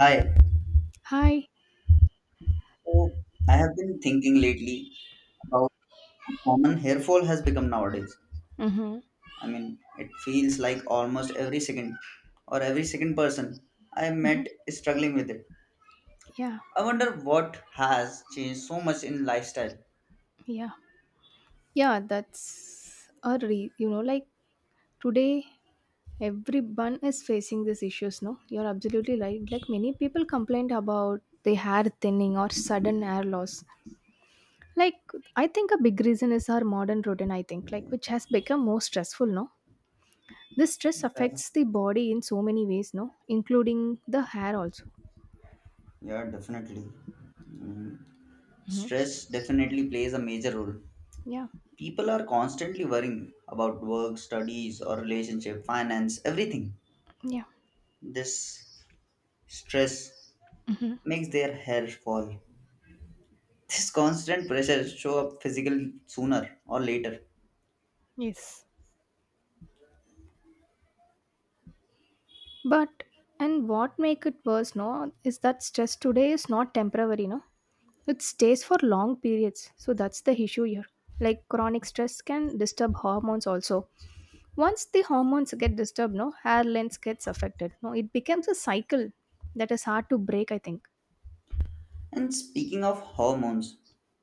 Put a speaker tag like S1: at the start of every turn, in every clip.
S1: Hi.
S2: Hi.
S1: So I have been thinking lately about how common hair fall has become nowadays.
S2: Mm-hmm.
S1: I mean, it feels like almost every second or every second person I met is struggling with it.
S2: Yeah.
S1: I wonder what has changed so much in lifestyle.
S2: Yeah. Yeah, that's a re- you know, like today everyone is facing these issues, no? You're absolutely right. Like many people complained about the hair thinning or sudden hair loss. Like I think a big reason is our modern routine, I think, like which has become more stressful, no? This stress
S1: Yeah,
S2: affects the body in so many ways, no? Including the hair also.
S1: yeah definitely. Mm,
S2: Mm-hmm.
S1: Stress definitely plays a major role.
S2: Yeah.
S1: People are constantly worrying about work, studies, or relationship, finance, everything.
S2: Yeah.
S1: This stress makes their hair fall. This constant pressure show up physically sooner or later.
S2: Yes. But and what make it worse, no, is that stress today is not temporary, no. It stays for long periods. So that's the issue here. Like chronic stress can disturb hormones also. Once the hormones get disturbed, no, hair length gets affected. No, it becomes a cycle that is hard to break, I think.
S1: And speaking of hormones,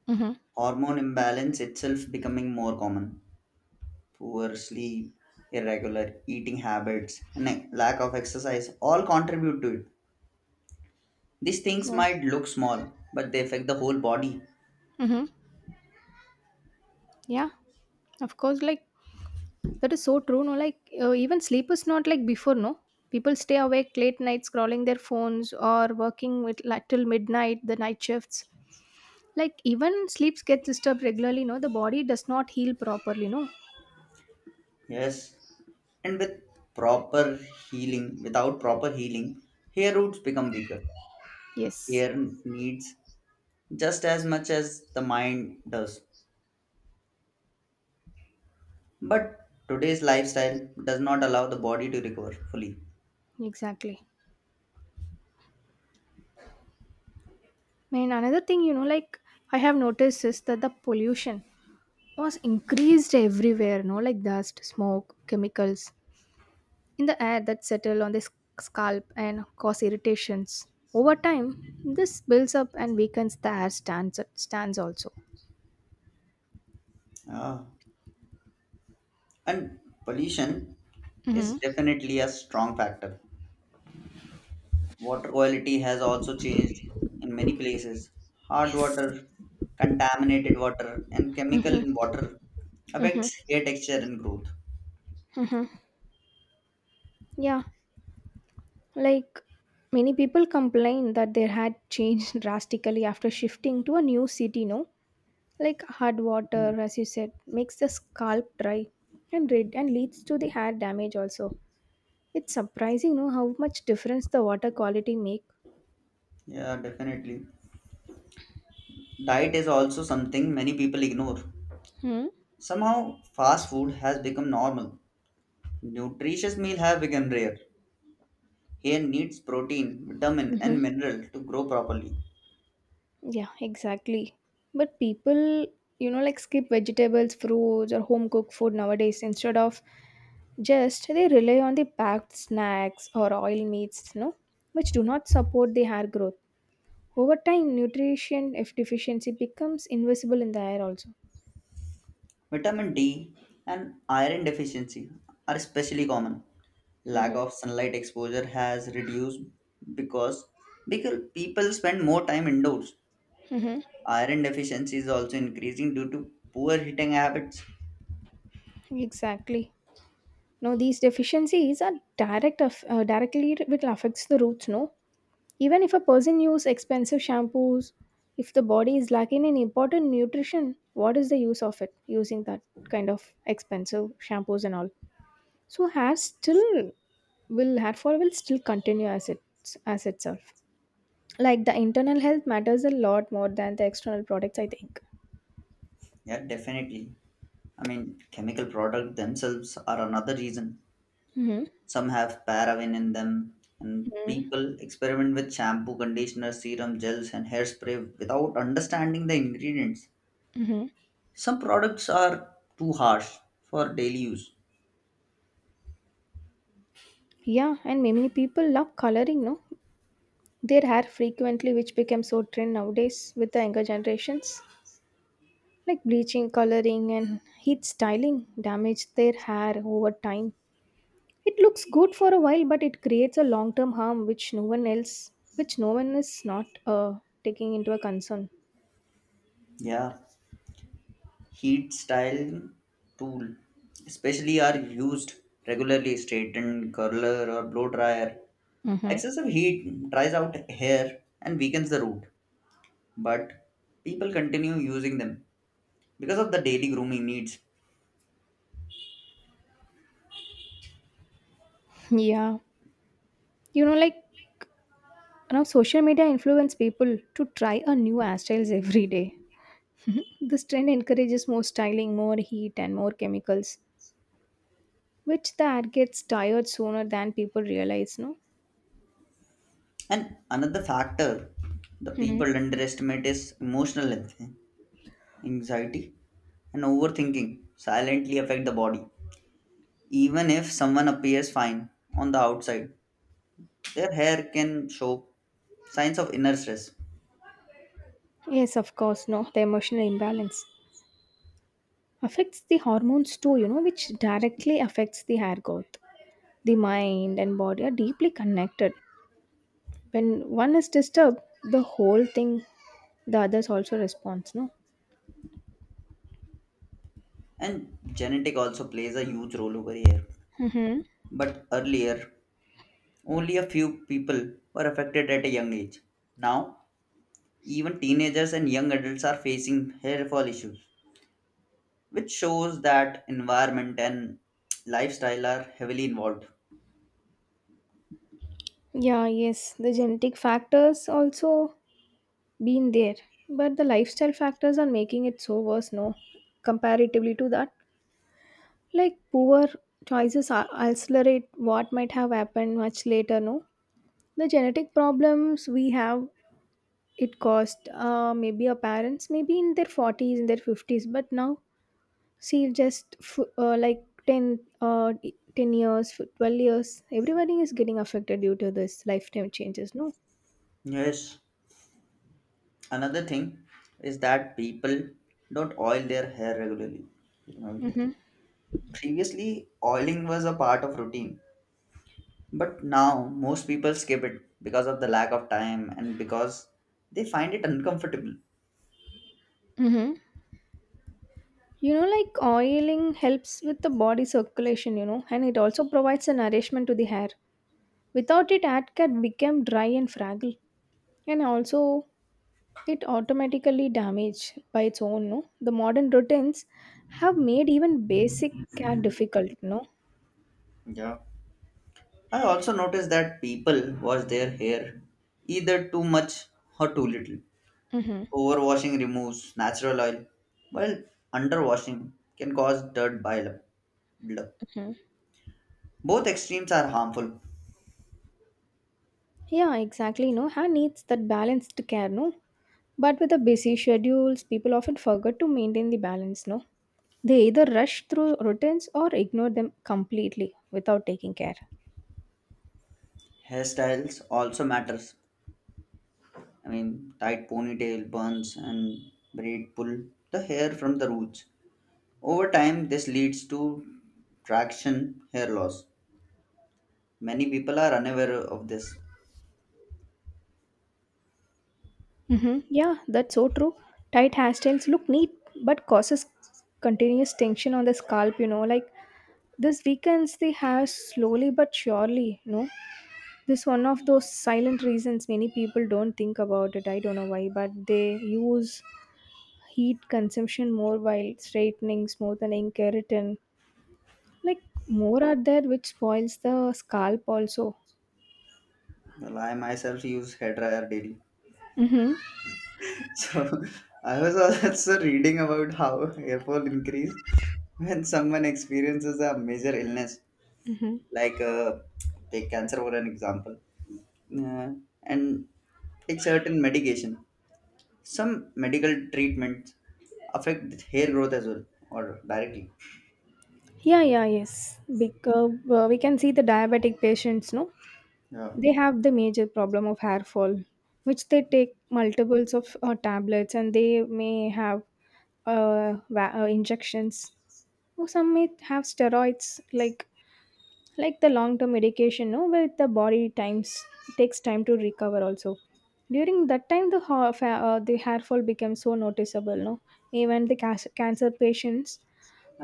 S2: Mm-hmm.
S1: hormone imbalance itself becoming more common. Poor sleep, irregular eating habits, and a lack of exercise all contribute to it. These things
S2: Yeah.
S1: might look small, but they affect the whole body.
S2: Mm-hmm. Yeah. Of course. That is so true. No, like even sleep is not like before. No, people stay awake late nights, scrolling their phones or working with like till midnight. The night shifts, like even sleeps get disturbed regularly. No, the body does not heal properly. No,
S1: Yes, and with proper healing, without proper healing, hair roots become weaker.
S2: yes,
S1: Hair needs just as much as the mind does. But today's lifestyle does not allow the body to recover fully.
S2: exactly. Man, another thing. I have noticed is that the pollution was increased everywhere. No, like dust, smoke, chemicals in the air that settle on the scalp and cause irritations. Over time, this builds up and weakens the hair stands also.
S1: Ah. And pollution is
S2: Mm-hmm.
S1: definitely a strong factor. Water quality has also changed in many places. Hard water, contaminated water, and chemical in water affects hair texture and growth.
S2: Hmm. Yeah, like many people complain that their hair changed drastically after shifting to a new city, no? Like hard water, as you said, makes the scalp dry and red and leads to the hair damage also. It's surprising, no, how much difference the water quality make.
S1: Yeah, definitely. Diet is also something many people ignore.
S2: Hmm.
S1: Somehow, fast food has become normal. Nutritious meals have become rare. Hair needs protein, vitamin,
S2: Mm-hmm.
S1: and mineral to grow properly.
S2: Yeah, exactly. But people, skip vegetables, fruits, or home cooked food nowadays instead of just they rely on the packed snacks or oil meats, no, which do not support the hair growth. Over time, nutrition if deficiency becomes invisible in the hair also.
S1: Vitamin D and iron deficiency are especially common. Lack
S2: Hmm.
S1: of sunlight exposure has reduced because because people spend more time indoors. Iron deficiency is also increasing due to poor eating habits.
S2: Exactly. No, these deficiencies are directly it will affects the roots. No, even if a person uses expensive shampoos, if the body is lacking in important nutrition, what is the use of it using that kind of expensive shampoos and all? So hair fall will still continue as it's as itself. Like the internal health matters a lot more than the external products, I think.
S1: Yeah, definitely. I mean, chemical products themselves are another reason. Some have paraffin in them, and
S2: Mm-hmm.
S1: people experiment with shampoo, conditioner, serum, gels, and hairspray without understanding the ingredients.
S2: Mm-hmm.
S1: Some products are too harsh for daily use.
S2: Yeah, and many people love coloring, no? Their hair frequently, which becomes so trend nowadays with the younger generations. Like bleaching, coloring, and heat styling damage their hair over time. It looks good for a while, but it creates a long-term harm which no one is not taking into a concern.
S1: Yeah, heat styling tool, especially are used regularly, straighten, curler, or blow dryer.
S2: Mm-hmm.
S1: Excessive heat dries out hair and weakens the root, but people continue using them because of the daily grooming needs.
S2: Yeah, you know, like now social media influence people to try a new hairstyles every day. This trend encourages more styling, more heat, and more chemicals, which the hair gets tired sooner than people realize. No.
S1: And another factor the
S2: Hmm.
S1: people underestimate is emotional anxiety and overthinking silently affect the body. Even if someone appears fine on the outside, their hair can show signs of inner stress.
S2: Yes, of course. No, the emotional imbalance affects the hormones too, which directly affects the hair growth. The mind and body are deeply connected. When one is disturbed, the whole thing, the others also responds, no.
S1: And genetic also plays a huge role over here.
S2: Mm-hmm.
S1: But earlier, only a few people were affected at a young age. Now, even teenagers and young adults are facing hair fall issues, which shows that environment and lifestyle are heavily involved.
S2: Yeah, yes, the genetic factors also been there, but the lifestyle factors are making it so worse, no, comparatively to that. Like poor choices are accelerate what might have happened much later, no. The genetic problems we have, it cost maybe our parents maybe in their 40s, in their 50s, but now see just 10 10 12 years everybody is getting affected due to this lifetime changes, no.
S1: Yes, another thing is that people don't oil their hair regularly.
S2: Mm-hmm.
S1: Previously, oiling was a part of routine, but now most people skip it because of the lack of time and because they find it uncomfortable.
S2: Mm-hmm. You know, like oiling helps with the body circulation, you know, and it also provides a nourishment to the hair. Without it hair can become dry and fragile, and also it automatically damaged by its own, no? The modern routines have made even basic care difficult, no?
S1: Yeah. I also noticed that people wash their hair either too much or too little.
S2: Mm-hmm.
S1: Overwashing removes natural oil, while underwashing can cause dirt blur.
S2: Mm-hmm.
S1: Both extremes are harmful.
S2: Yeah, exactly, no? Her needs that balanced care, no? But with the busy schedules, people often forget to maintain the balance, no? They either rush through routines or ignore them completely without taking care.
S1: Hairstyles also matters. I mean, tight ponytail, buns, and braid pull the hair from the roots. Over time, this leads to traction hair loss. Many people are unaware of this.
S2: Mm-hmm. Yeah, that's so true. Tight hairstyles look neat but causes continuous tension on the scalp, This weekends they have slowly but surely, no? This one of those silent reasons many people don't think about it. I don't know why, but they use heat consumption more while straightening, smoothening, keratin. Like more are there which spoils the scalp also.
S1: Well, I myself use hairdryer daily.
S2: Mm-hmm.
S1: So I was also reading about how hair fall increase when someone experiences a major illness,
S2: Mm-hmm.
S1: like take cancer for an example, uh, and take certain medication. Some medical treatments affect hair growth as well, or directly.
S2: Yeah, yes. Because we can see the diabetic patients, no?
S1: Yeah.
S2: They have the major problem of hair fall, which they take multiples of tablets and they may have injections. Or some may have steroids like the long term medication, no, where the body times takes time to recover also. During that time the the hair fall becomes so noticeable, no. Even the cancer patients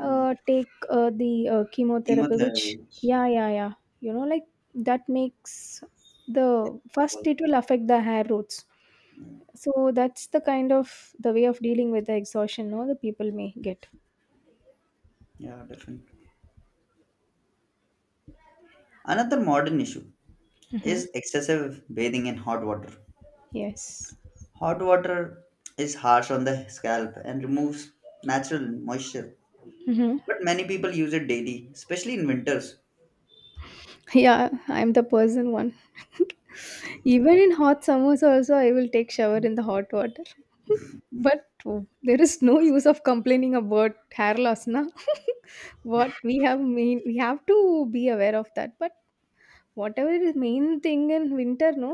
S1: Mm.
S2: take the chemotherapy which
S1: Chemotherapy.
S2: yeah, yeah. You know, like that makes the first it will affect the hair roots. So that's the kind of the way of dealing with the exhaustion, no, the people may get.
S1: Yeah, definitely. Another modern issue
S2: Hmm.
S1: is excessive bathing in hot water.
S2: Yes.
S1: Hot water is harsh on the scalp and removes natural moisture,
S2: Mhm.
S1: but many people use it daily, especially in winters.
S2: Yeah, I'm the person one. Even in hot summers also I will take shower in the hot water. But oh, there is no use of complaining about hair loss, na? What we have mean we have to be aware of that. But whatever is main thing in winter, no,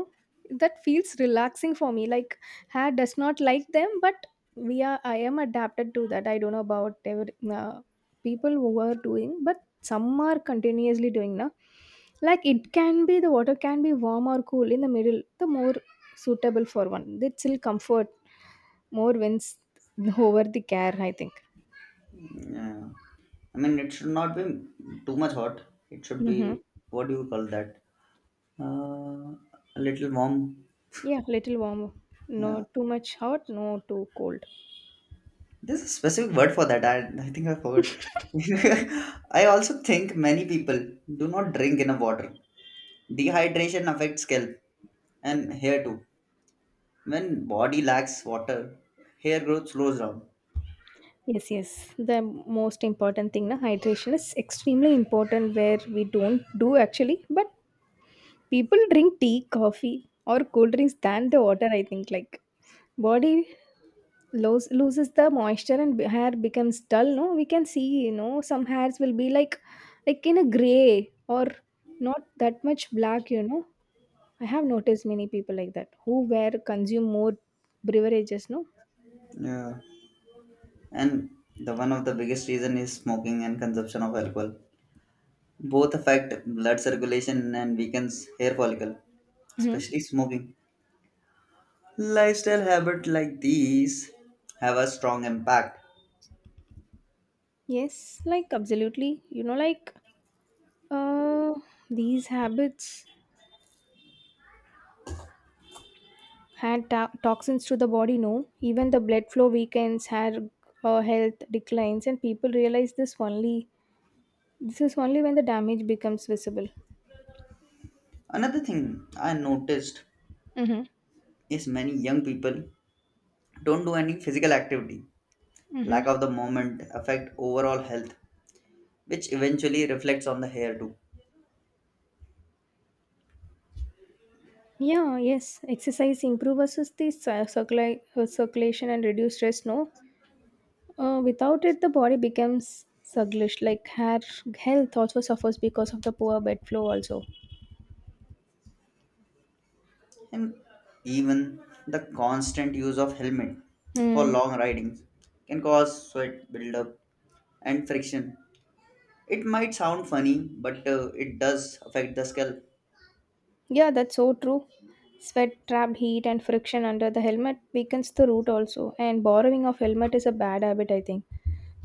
S2: that feels relaxing for me. Like hair does not like them, but we are I am adapted to that. I don't know about every, people who are doing, but some are continuously doing, na. Like it can be the water can be warm or cool in the middle, the more suitable for one, the still comfort more wins over the care, I think.
S1: Yeah. I mean, it should not be too much hot. It should
S2: Mm-hmm.
S1: be what do you call that? Uh, a little warm.
S2: Yeah, little warm. No
S1: Yeah.
S2: too much hot, no too cold.
S1: There's a specific word for that. I think I forgot. I also think many people do not drink enough water. Dehydration affects scalp and hair too. When body lacks water, hair growth slows down.
S2: Yes, yes. The most important thing, na, hydration is extremely important where we don't do actually, but people drink tea, coffee, or cold drinks than the water. I think like body loses the moisture and hair becomes dull. No, we can see, you know, some hairs will be like in a gray or not that much black. You know, I have noticed many people like that who wear consume more beverages. No.
S1: Yeah, and the one of the biggest reason is smoking and consumption of alcohol. Both affect blood circulation and weakens hair follicle,
S2: Hmm.
S1: especially smoking. Lifestyle habit like these have a strong impact.
S2: Yes, like absolutely. You know, like Uh, these habits add toxins to the body, no? Even the blood flow weakens, hair health declines, and people realize this only. This is only when the damage becomes visible.
S1: Another thing I noticed
S2: Mm-hmm.
S1: is many young people don't do any physical activity.
S2: Mm-hmm.
S1: Lack of the movement affect overall health, which eventually reflects on the hair too.
S2: Yeah, yes. Exercise improves the circulation and reduce stress, no? Without it, the body becomes sluggish. Like hair health also suffers because of the poor blood flow, also.
S1: And even the constant use of helmet for
S2: Hmm.
S1: long ridings can cause sweat buildup and friction. It might sound funny, but it does affect the scalp.
S2: Yeah, that's so true. Sweat, trap heat, and friction under the helmet weakens the root also. And borrowing of helmet is a bad habit, I think.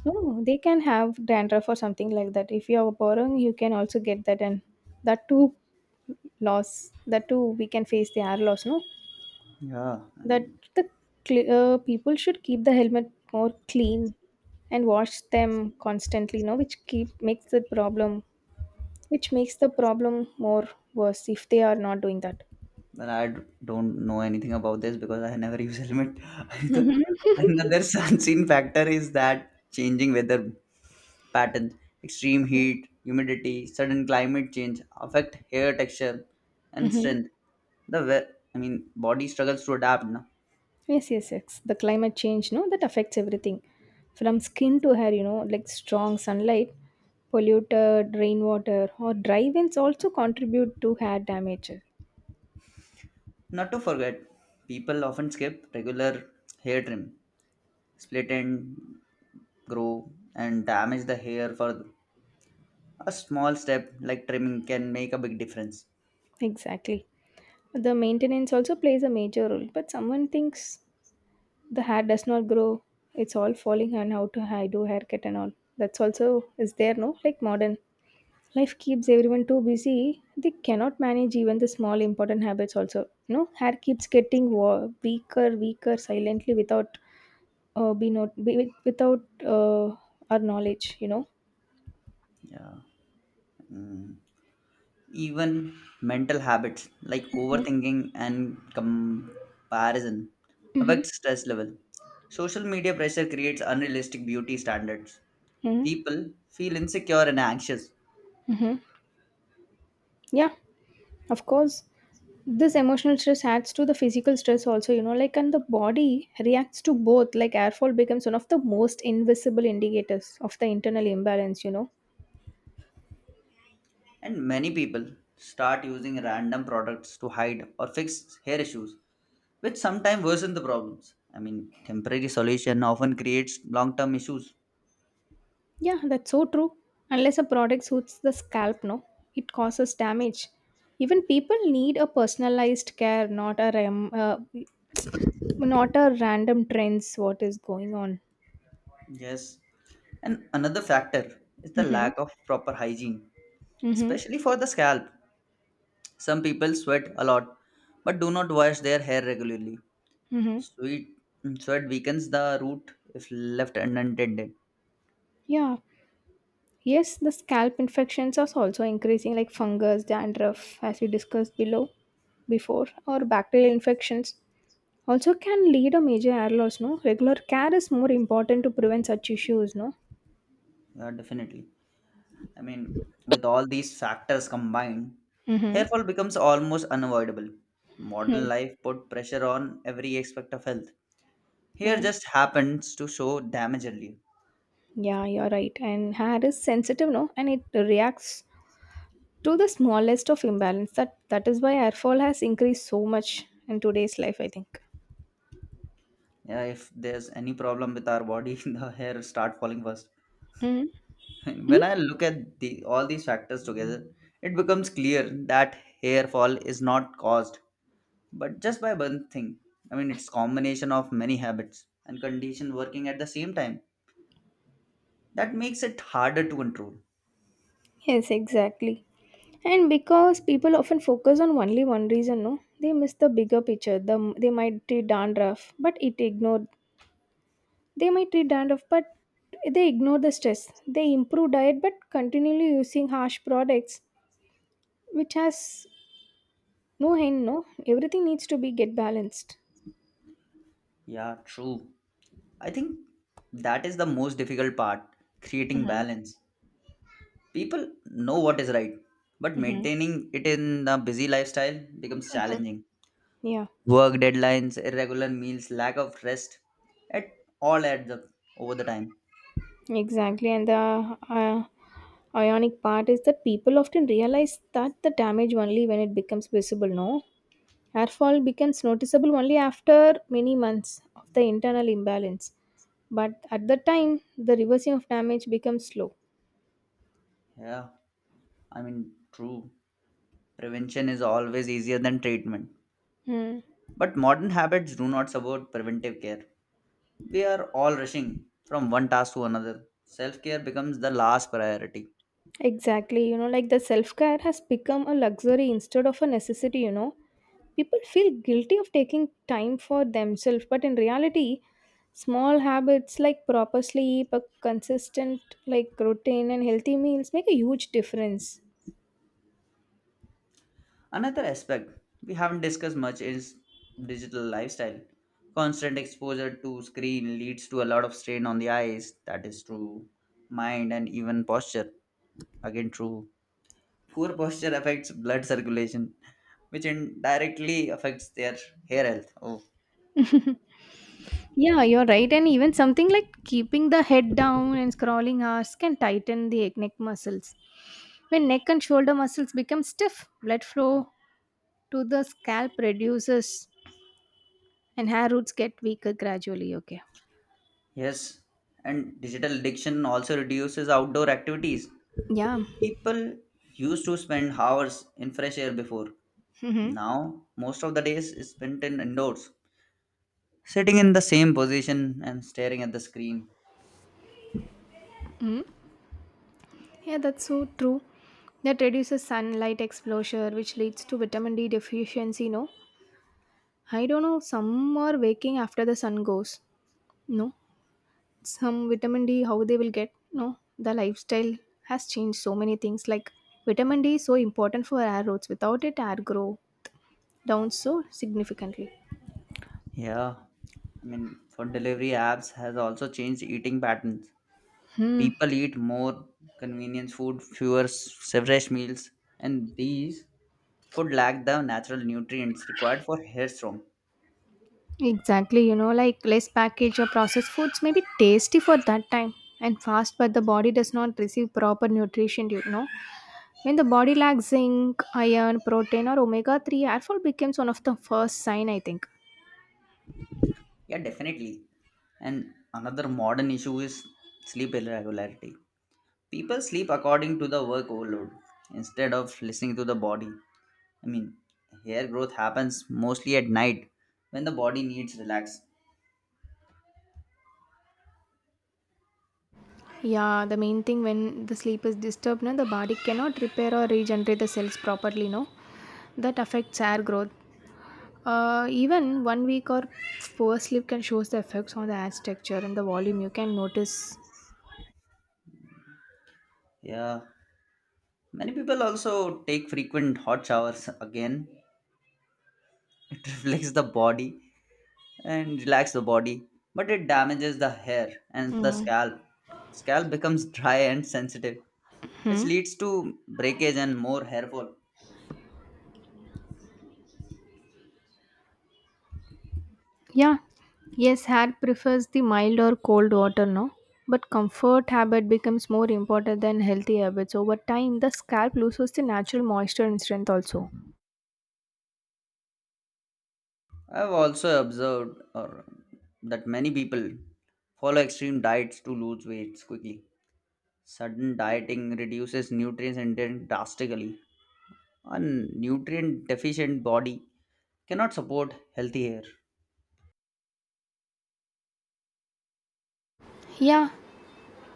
S2: No, no, no, they can have dandruff or something like that. If you are borrowing, you can also get that, and that too loss. That too we can face the air loss. No,
S1: Yeah,
S2: that
S1: and
S2: the people should keep the helmet more clean and wash them constantly. No, which makes the problem more worse if they are not doing that.
S1: but don't know anything about this because I never use helmet. The- Another unseen factor is that changing weather patterns, extreme heat, humidity, sudden climate change affect hair texture and
S2: Mm-hmm.
S1: strength. I mean, body struggles to adapt, na.
S2: Yes, yes, yes. The climate change, no, that affects everything from skin to hair, you know, like strong sunlight, polluted rainwater, or dry winds also contribute to hair damage.
S1: Not to forget, people often skip regular hair trim, split and grow, and damage the hair for a small step like trimming can make a big difference.
S2: Exactly. The maintenance also plays a major role, but someone thinks the hair does not grow, it's all falling on how to hair, do haircut and all. That's also is there, no, like modern. Life keeps everyone too busy. They cannot manage even the small important habits also. No, hair keeps getting weaker, weaker silently without uh, be not be, without uh, our knowledge, you know.
S1: Yeah. Mm. Even mental habits like overthinking and comparison
S2: Mm-hmm.
S1: affect stress level. Social media pressure creates unrealistic beauty standards.
S2: Mm-hmm.
S1: People feel insecure and anxious.
S2: Mm-hmm. Yeah, of course. This emotional stress adds to the physical stress also, you know, and the body reacts to both. Like airfall becomes one of the most invisible indicators of the internal imbalance, you know.
S1: And many people start using random products to hide or fix hair issues, which sometimes worsen the problems. I mean, temporary solution often creates long term issues.
S2: Yeah, that's so true. Unless a product suits the scalp, no, it causes damage. Even people need a personalized care, not a not a random trends. What is going on?
S1: Yes. And another factor is the
S2: Mm-hmm.
S1: lack of proper hygiene,
S2: Mm-hmm.
S1: especially for the scalp. Some people sweat a lot but do not wash their hair regularly.
S2: Mm-hmm.
S1: Sweat, sweat weakens the root if left unattended.
S2: Yeah. Yes, the scalp infections are also increasing, like fungus, dandruff, as we discussed below before, or bacterial infections. Also, can lead a major hair loss. No, regular care is more important to prevent such issues. No.
S1: Yeah, definitely. I mean, with all these factors combined, hair
S2: Mm-hmm.
S1: fall becomes almost unavoidable. Modern life put pressure on every aspect of health. Hair
S2: Mm.
S1: just happens to show damage early.
S2: Yeah, you're right. And hair is sensitive, no? And it reacts to the smallest of imbalance. That is why hair fall has increased so much in today's life, I think.
S1: Yeah, if there's any problem with our body, the hair start falling first.
S2: Mm. Mm?
S1: When I look at the all these factors together, it becomes clear that hair fall is not caused, but just by one thing. I mean, it's combination of many habits and condition working at the same time that makes it harder to control.
S2: Yes, exactly. And because people often focus on only one reason, no, they miss the bigger picture. They might treat dandruff, but it ignored. They might treat dandruff, but they ignore the stress. They improve diet, but continually using harsh products, which has no end. No, everything needs to be get balanced.
S1: Yeah, true. I think that is the most difficult part creating balance. People know what is right, but maintaining it in the busy lifestyle becomes challenging.
S2: Yeah,
S1: Work deadlines, irregular meals, lack of rest, it all adds up over the time.
S2: exactly. And the ionic part is that people often realize that the damage only when it becomes visible, no? Airfall becomes noticeable only after many months of the internal imbalance. But at the time, the reversing of damage becomes slow.
S1: Yeah, I mean, true. Prevention is always easier than treatment.
S2: Hmm.
S1: But modern habits do not support preventive care. We are all rushing from one task to another. Self care becomes the last priority.
S2: Exactly, like the self care has become a luxury instead of a necessity. People feel guilty of taking time for themselves, but in reality, small habits like proper sleep, a consistent like routine and healthy meals make a huge difference.
S1: Another aspect we haven't discussed much is digital lifestyle. Constant exposure to screen leads to a lot of strain on the eyes, that is true, mind and even posture, again true. Poor posture affects blood circulation, which indirectly affects their hair health. Oh,
S2: Yeah, you're right. And even something like keeping the head down and scrolling hours can tighten the neck muscles. When neck and shoulder muscles become stiff, blood flow to the scalp reduces and hair roots get weaker gradually. Okay.
S1: yes. And digital addiction also reduces outdoor activities.
S2: Yeah.
S1: People used to spend hours in fresh air before.
S2: Mm-hmm.
S1: Now, most of the days is spent in indoors sitting in the same position and staring at the screen.
S2: Mm-hmm. Yeah, that's so true. That reduces sunlight exposure, which leads to vitamin D deficiency. No, I don't know. Some are waking after the sun goes. No, some vitamin D, how they will get? No, the lifestyle has changed so many things. Like vitamin D is so important for our roots. Without it, our grow down so significantly.
S1: Yeah, I mean, food delivery apps has also changed eating patterns.
S2: Hmm.
S1: People eat more convenience food, fresh meals, and these food lack the natural nutrients required for hair strong.
S2: Exactly. Like less packaged or processed foods may be tasty for that time and fast, but the body does not receive proper nutrition. When the body lacks zinc, iron, protein, or omega 3, airfall becomes one of the first sign, I think.
S1: Yeah, definitely. And another modern issue is sleep irregularity. People sleep according to the work overload instead of listening to the body. I mean, hair growth happens mostly at night when the body needs relax.
S2: Yeah, the main thing when the sleep is disturbed, no, the body cannot repair or regenerate the cells properly, no? That affects hair growth. Even 1 week or poor sleep can shows the effects on the hair texture and the volume. You can notice.
S1: Yeah, many people also take frequent hot showers again. It reflects the body and relax the body, but it damages the hair and the scalp. Scalp becomes dry and sensitive, which
S2: Hmm?
S1: leads to breakage and more hair fall.
S2: Yeah, yes, Hat prefers the mild or cold water, no? But comfort habit becomes more important than healthy habits. Over time, the scalp loses the natural moisture and strength also.
S1: I've also observed or that many people follow extreme diets to lose weight quickly. Sudden dieting reduces nutrients intake drastically. A nutrient deficient body cannot support healthy hair.
S2: Yeah,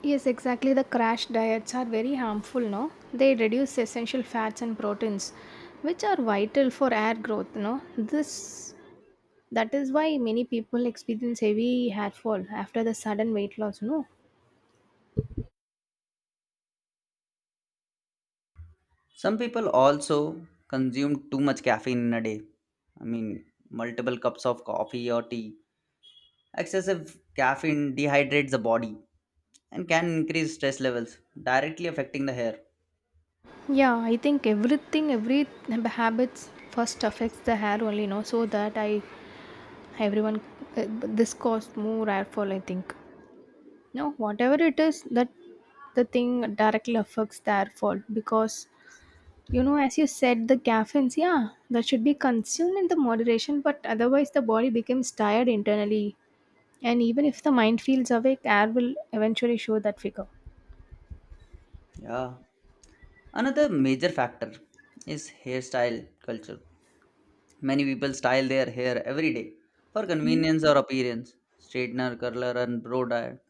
S2: yes, exactly. The crash diets are very harmful, no? They reduce essential fats and proteins, which are vital for hair growth, no? This that is why many people experience heavy hair fall after the sudden weight loss, no?
S1: Some people also consume too much caffeine in a day. I mean, multiple cups of coffee or tea. Excessive caffeine dehydrates the body and can increase stress levels, directly affecting the hair.
S2: Yeah, I think everything, every habits first affects the hair only, no, so that I everyone this caused more hair fall. I think no, whatever it is that the thing directly affects the hair fall because as you said, the caffeines, yeah, that should be consumed in the moderation, but otherwise the body becomes tired internally, and even if the mind feels awake, air will eventually show that figure.
S1: Yeah. Another major factor is hairstyle culture. Many people style their hair every day for
S2: Mhm.
S1: convenience or appearance. Straightener, curler, and blow dryer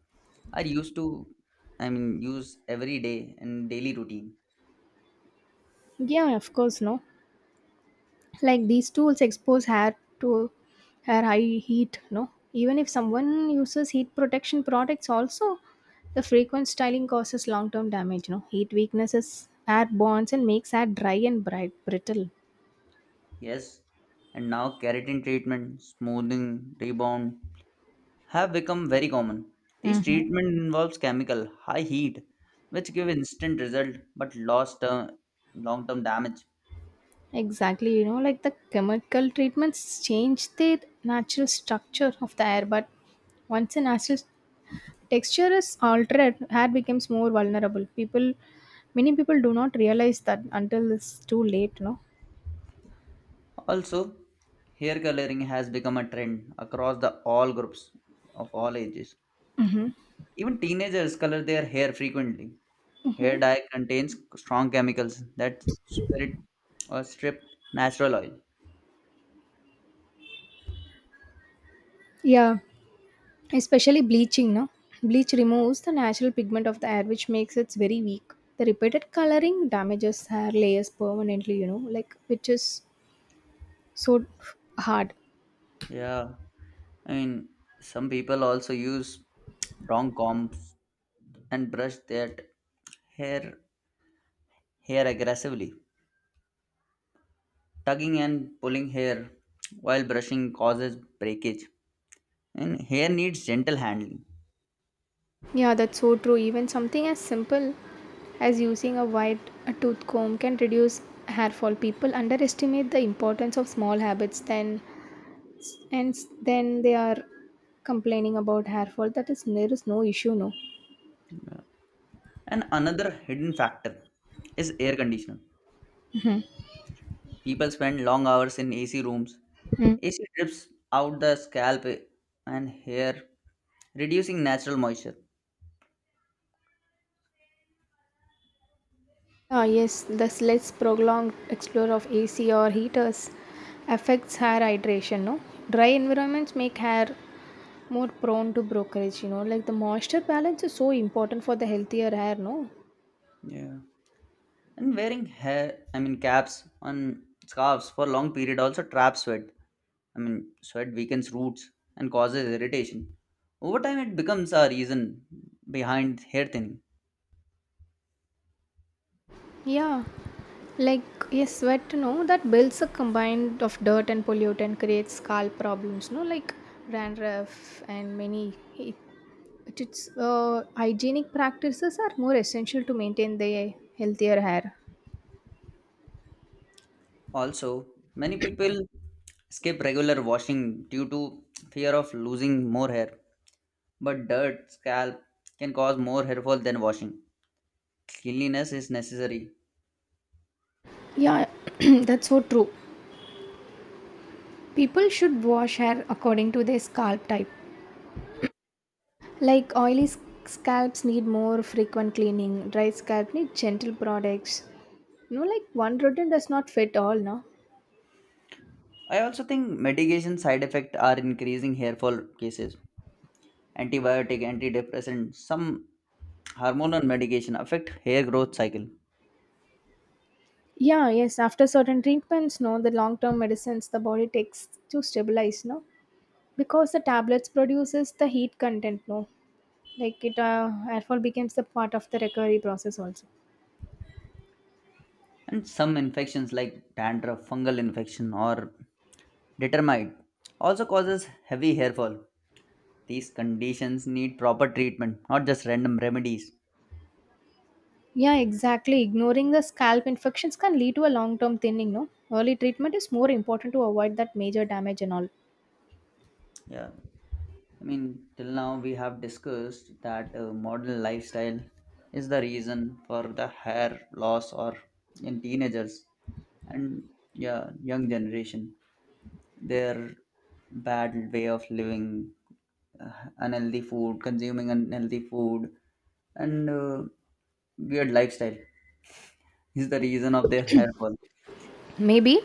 S1: are used to, I mean, use every day in daily routine.
S2: Yeah, of course, no. Like these tools expose hair to hair high heat, no, even if someone uses heat protection products also, the frequent styling causes long term damage, no, heat weaknesses hair bonds and makes hair dry and bright brittle.
S1: Yes, and now keratin treatment, smoothing, rebound have become very common. These
S2: Hmm.
S1: treatment involves chemical high heat, which give instant result but lost long-term damage.
S2: Exactly, like the chemical treatments change the natural structure of the hair, but once the natural texture is altered, hair becomes more vulnerable. Many people do not realize that until it's too late, no?
S1: Also, hair coloring has become a trend across the all groups of all ages. Even teenagers color their hair frequently. Hair
S2: Mhm.
S1: dye contains strong chemicals that spirit or strip natural oil.
S2: Yeah, especially bleaching, no? Bleach removes the natural pigment of the hair, which makes it very weak. The repeated coloring damages hair layers permanently, like which is so hard.
S1: Yeah, I mean, some people also use wrong combs and brush their hair hair aggressively. Tugging and pulling hair while brushing causes breakage. And hair needs gentle handling.
S2: Yeah, that's so true. Even something as simple as using a tooth comb can reduce hair fall. People underestimate the importance of small habits, then and then they are complaining about hair fall. That is there is no issue, no.
S1: And another hidden factor is air conditioner. People spend long hours in AC rooms.
S2: Hmm.
S1: AC drips out the scalp and hair, reducing natural moisture.
S2: Ah, yes, the less prolonged exposure of AC or heaters affects hair hydration. No, dry environments make hair more prone to brokerage. Like the moisture balance is so important for the healthier hair. No,
S1: Yeah. And wearing hair, I mean caps and scarves for long period also traps sweat. I mean, sweat weakens roots and causes irritation. Over time, it becomes a reason behind hair thinning.
S2: yeah, like yes, sweat. No, that builds a combined of dirt and pollutant creates scalp problems. No, like dandruff and many. It's hygienic practices are more essential to maintain the healthier hair.
S1: Also, many people skip regular washing due to fear of losing more hair. But dirt scalp can cause more harmful than washing. Cleanliness is necessary.
S2: Yeah, that's so true. People should wash hair according to their scalp type. Like scalps need more frequent cleaning, dry scalp need gentle products. No, like one routine does not fit all, no?
S1: I also think medication side effects are increasing hair fall cases. Antibiotic, antidepressant, some hormonal medication affect hair growth cycle.
S2: Yeah, yes, after certain treatments, no, the long term medicines the body takes to stabilize, no? Because the tablets produces the heat content, no? Like hair fall becomes the part of the recovery process also.
S1: And some infections like dandruff, fungal infection or determite also causes heavy hair fall. These conditions need proper treatment, not just random remedies.
S2: Yeah, exactly. Ignoring the scalp infections can lead to a long term thinning, no? Early treatment is more important to avoid that major damage and all.
S1: Yeah. I mean, till now we have discussed that modern lifestyle is the reason for the hair loss or in teenagers and yeah, young generation. Their bad way of living, uh, unhealthy food, consuming unhealthy food, and weird lifestyle is the reason of their hair fall.
S2: Maybe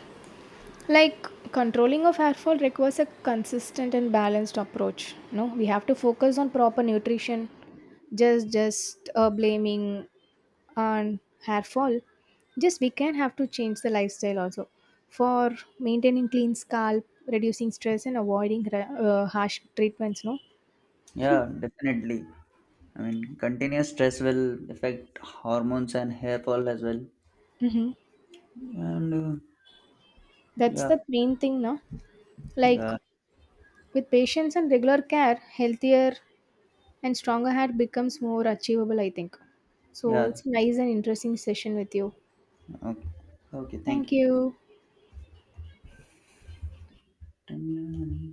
S2: like controlling of hair fall requires a consistent and balanced approach. No, we have to focus on proper nutrition, just blaming on hair fall. Just we can have to change the lifestyle also for maintaining clean scalp, reducing stress, and avoiding harsh treatments. No.
S1: Yeah, definitely. I mean, continuous stress will affect hormones and hair fall as well.
S2: Mhm.
S1: And
S2: That's
S1: yeah,
S2: the main thing, no? Like
S1: Uh,
S2: with patience and regular care, healthier and stronger heart becomes more achievable, I think. So
S1: yeah.
S2: it's nice and interesting session with you.
S1: Okay. Okay. Thank
S2: Thank you.
S1: you.